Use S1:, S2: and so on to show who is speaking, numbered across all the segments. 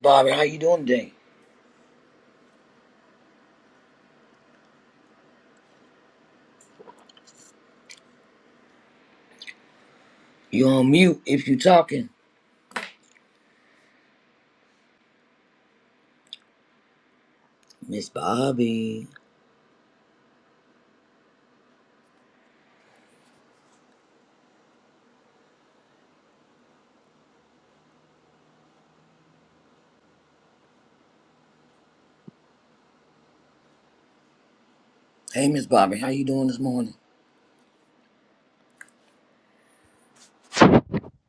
S1: Bobby, how you doing today? You on mute if you talking. Miss Bobby. Hey Miss Bobby, how you doing this morning?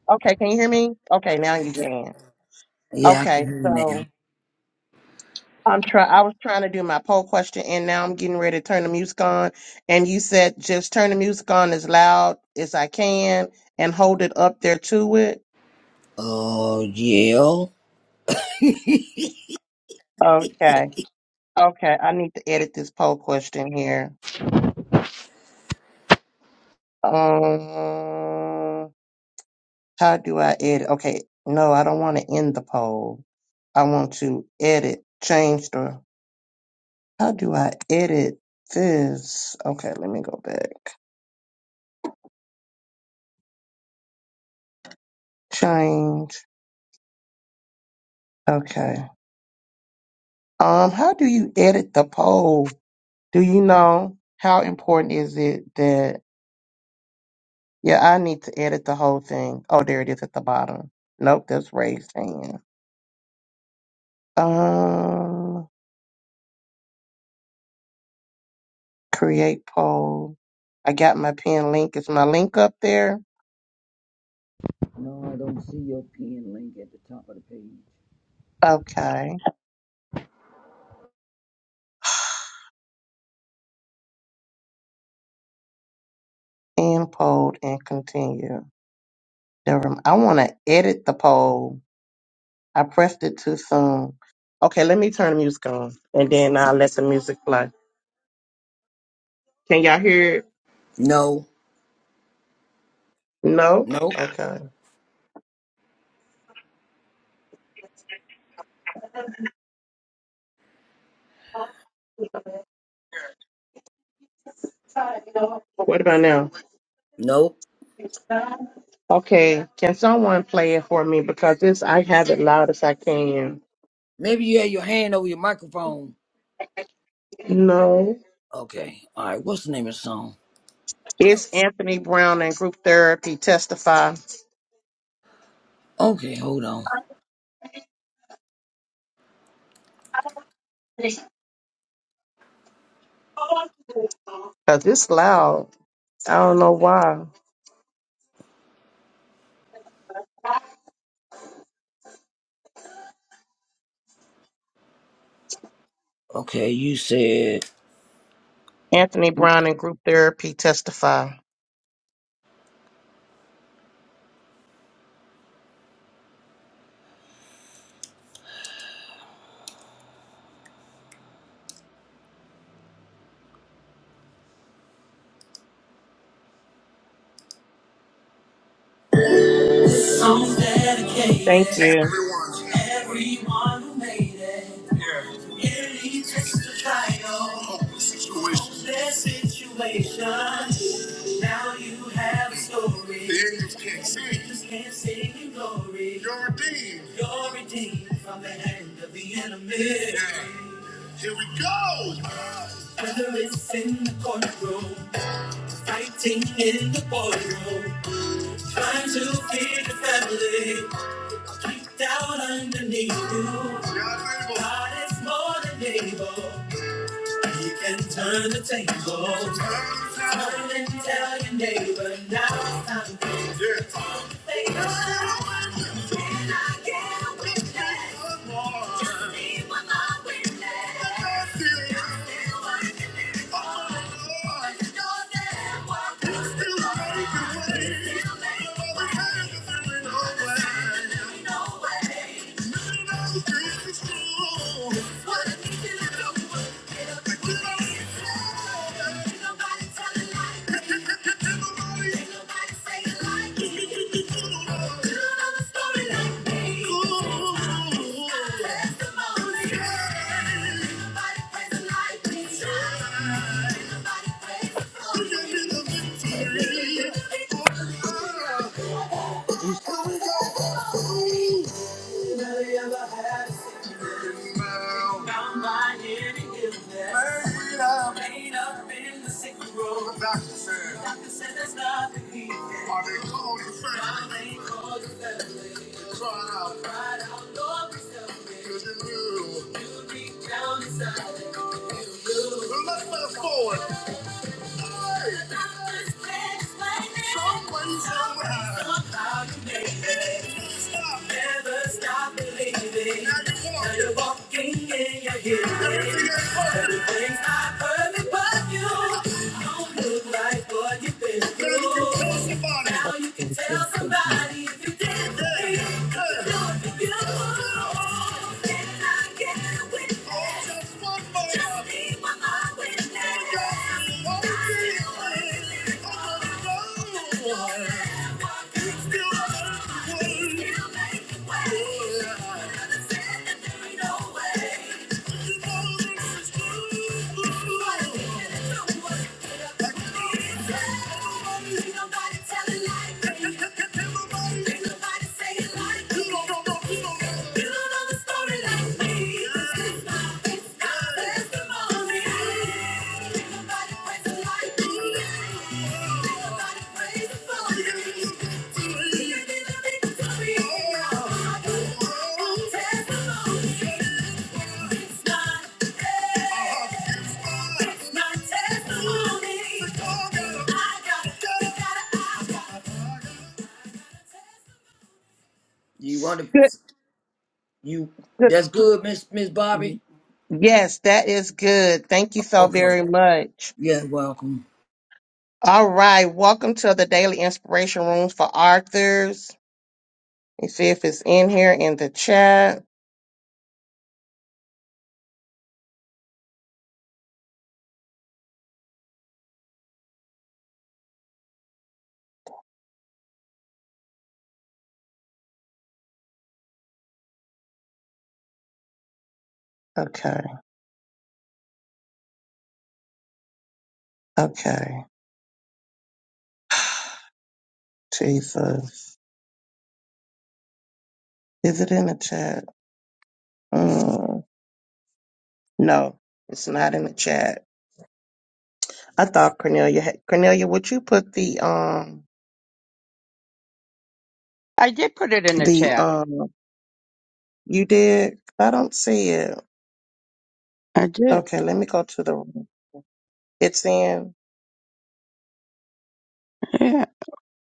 S2: Okay, can you hear me? Okay, now you can.
S1: Yeah, I can
S2: Okay,
S1: hear you now.
S2: so I'm try I was trying to do my poll question and now I'm getting ready to turn the music on. And you said just turn the music on as loud as I can and hold it up there to it.
S1: Oh yeah.
S2: Okay. Okay, I need to edit this poll question here. Um, how do I edit? Okay, no, I don't want to end the poll. I want to edit, change the. How do I edit this? Okay, let me go back. Change. Okay. Um, how do you edit the poll? Do you know how important is it that yeah, I need to edit the whole thing. Oh, there it is at the bottom. Nope, that's raised hand. Um create poll. I got my pin link. Is my link up there?
S1: No, I don't see your pin link at the top of the page.
S2: Okay. End poll and continue. Never mind. I wanna edit the poll. I pressed it too soon. Okay, let me turn the music on and then I'll let the music play. Can y'all hear it?
S1: No.
S2: No?
S1: no,
S2: Okay. What about now?
S1: no.
S2: Okay. Can someone play it for me? Because this I have it loud as I can.
S1: Maybe you had your hand over your microphone.
S2: No.
S1: Okay. Alright, what's the name of the song?
S2: It's Anthony Brown and group therapy testify.
S1: Okay, hold on.
S2: Cause it's loud. I don't know why.
S1: Okay, you said
S2: Anthony Brown and group therapy testify.
S1: song dedicated
S2: Thank
S1: to
S2: you.
S1: everyone. To Everyone who made it. Hear me testify, oh, of their situation. Now you have a story. The angels can't sing. The Angels can't sing in glory. You're redeemed. You're redeemed from the hand of the enemy. Yeah. Here we go. Whether it's in the courtroom, fighting in the boardroom, trying to feed the family, deep down underneath you. God is more than able. You can turn the table. Turn and tell your neighbor now it's time to go. yeah. turn the table. One more. Just see what I will. I feel. Oh, Lord. Your name was- You still make a way. You still make a way. Your hands are in the way. None of this is true. What I need you to do. Get up and go. Nobody Yeah. Well, let's fast forward. Somebody if you did, do it for you. Nobody telling lies. Testimony. It's not you want to
S2: Good,
S1: you? That's good, Miss Miss
S2: good.
S1: Bobby.
S2: Yes, that is good. Thank you so
S1: Okay.
S2: very much.
S1: Yeah, welcome.
S2: All right, welcome to the Daily Inspiration Rooms for Authors. Let me see if it's in here in the chat. Okay, okay. Jesus. Is it in the chat? Mm, no, it's not in the chat. I thought Cornelia had, Cornelia, would you put the, um,
S3: I did put it in the
S2: the,
S3: chat.
S2: um, you did? I don't see it.
S3: I did.
S2: Okay, let me go to the, it's in.
S3: Yeah.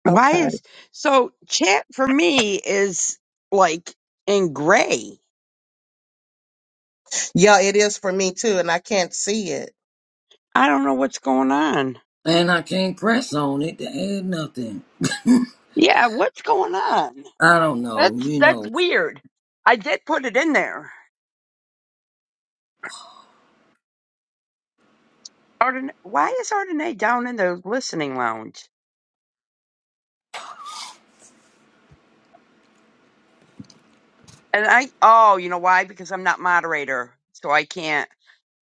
S3: Why
S2: Okay.
S3: is so chat for me is like in gray.
S2: Yeah, it is for me too, and I can't see it.
S3: I don't know what's going on.
S1: And I can't press on it to add nothing.
S3: Yeah, what's going on?
S1: I don't know.
S3: That's
S1: You
S3: that's
S1: know.
S3: weird. I did put it in there. Arden, why is Ardenay down in the listening lounge? And I oh, you know why? Because I'm not moderator, so I can't.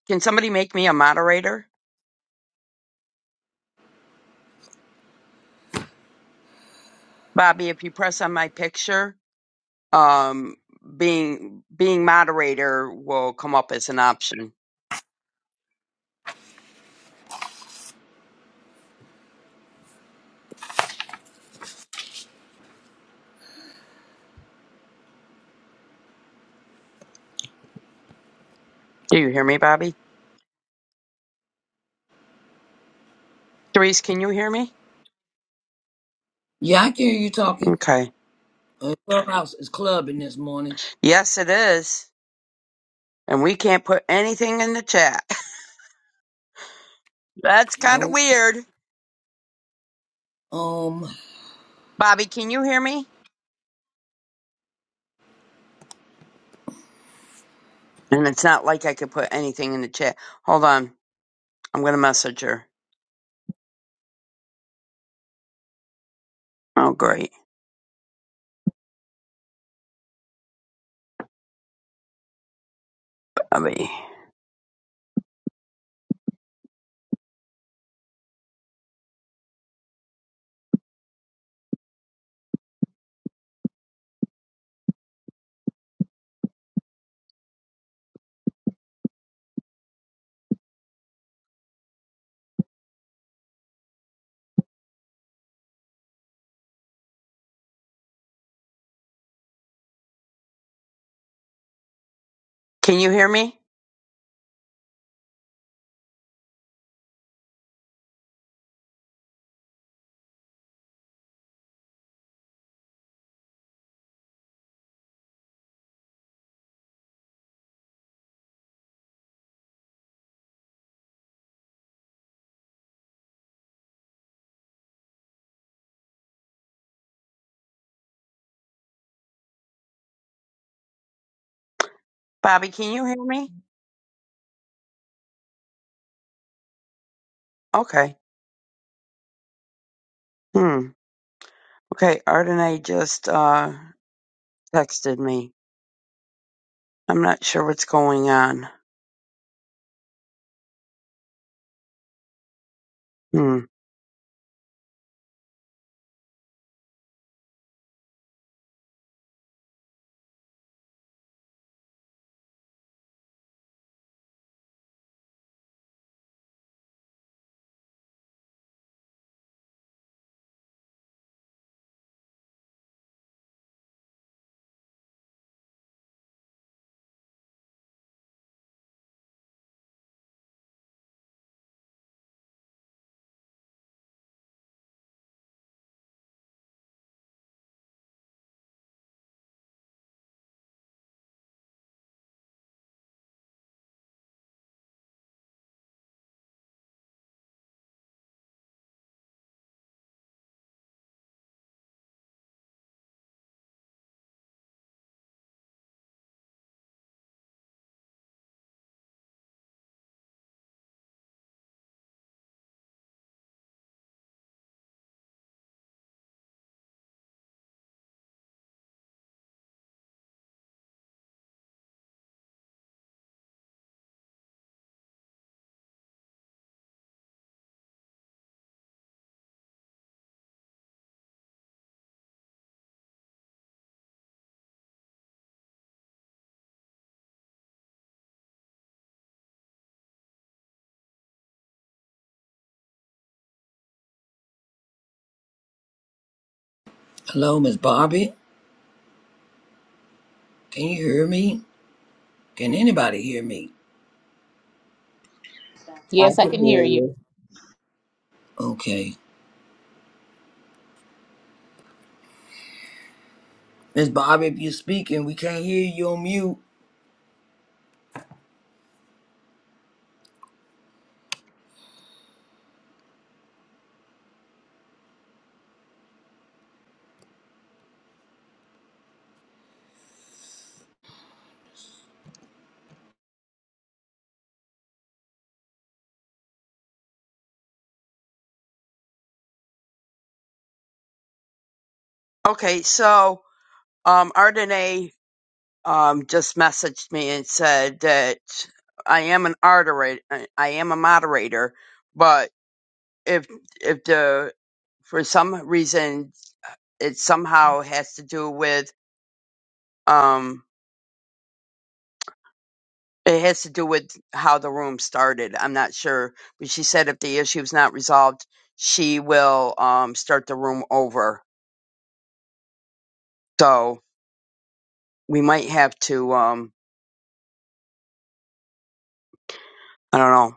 S3: Can somebody make me a moderator, Bobby? If you press on my picture, um being being moderator will come up as an option. Do you hear me, Bobby? Therese, can you hear me?
S1: Yeah, I can hear you talking.
S3: Okay.
S1: Uh, Clubhouse is clubbing this morning.
S3: Yes, it is. And we can't put anything in the chat. That's kind of
S1: Nope.
S3: weird.
S1: Um.
S3: Bobby, can you hear me? And it's not like I could put anything in the chat. Hold on. I'm going to message her. Oh, great. Bobby. Can you hear me? Bobby, can you hear me? Okay. Hmm. Okay. Ardenay just uh, texted me. I'm not sure what's going on. Hmm.
S1: Hello, Miss Bobby. Can you hear me? Can anybody hear me?
S4: I
S5: Yes, I
S4: can
S5: can
S4: hear
S5: hear you.
S4: you.
S1: Okay. Miss Bobby, if you're speaking, we can't hear you on mute.
S3: Okay, so um, Ardenae um, just messaged me and said that I am an moderator. I am a moderator, but if if the for some reason it somehow has to do with um it has to do with how the room started. I'm not sure, but she said if the issue's not resolved, she will um start the room over. So we might have to um I don't know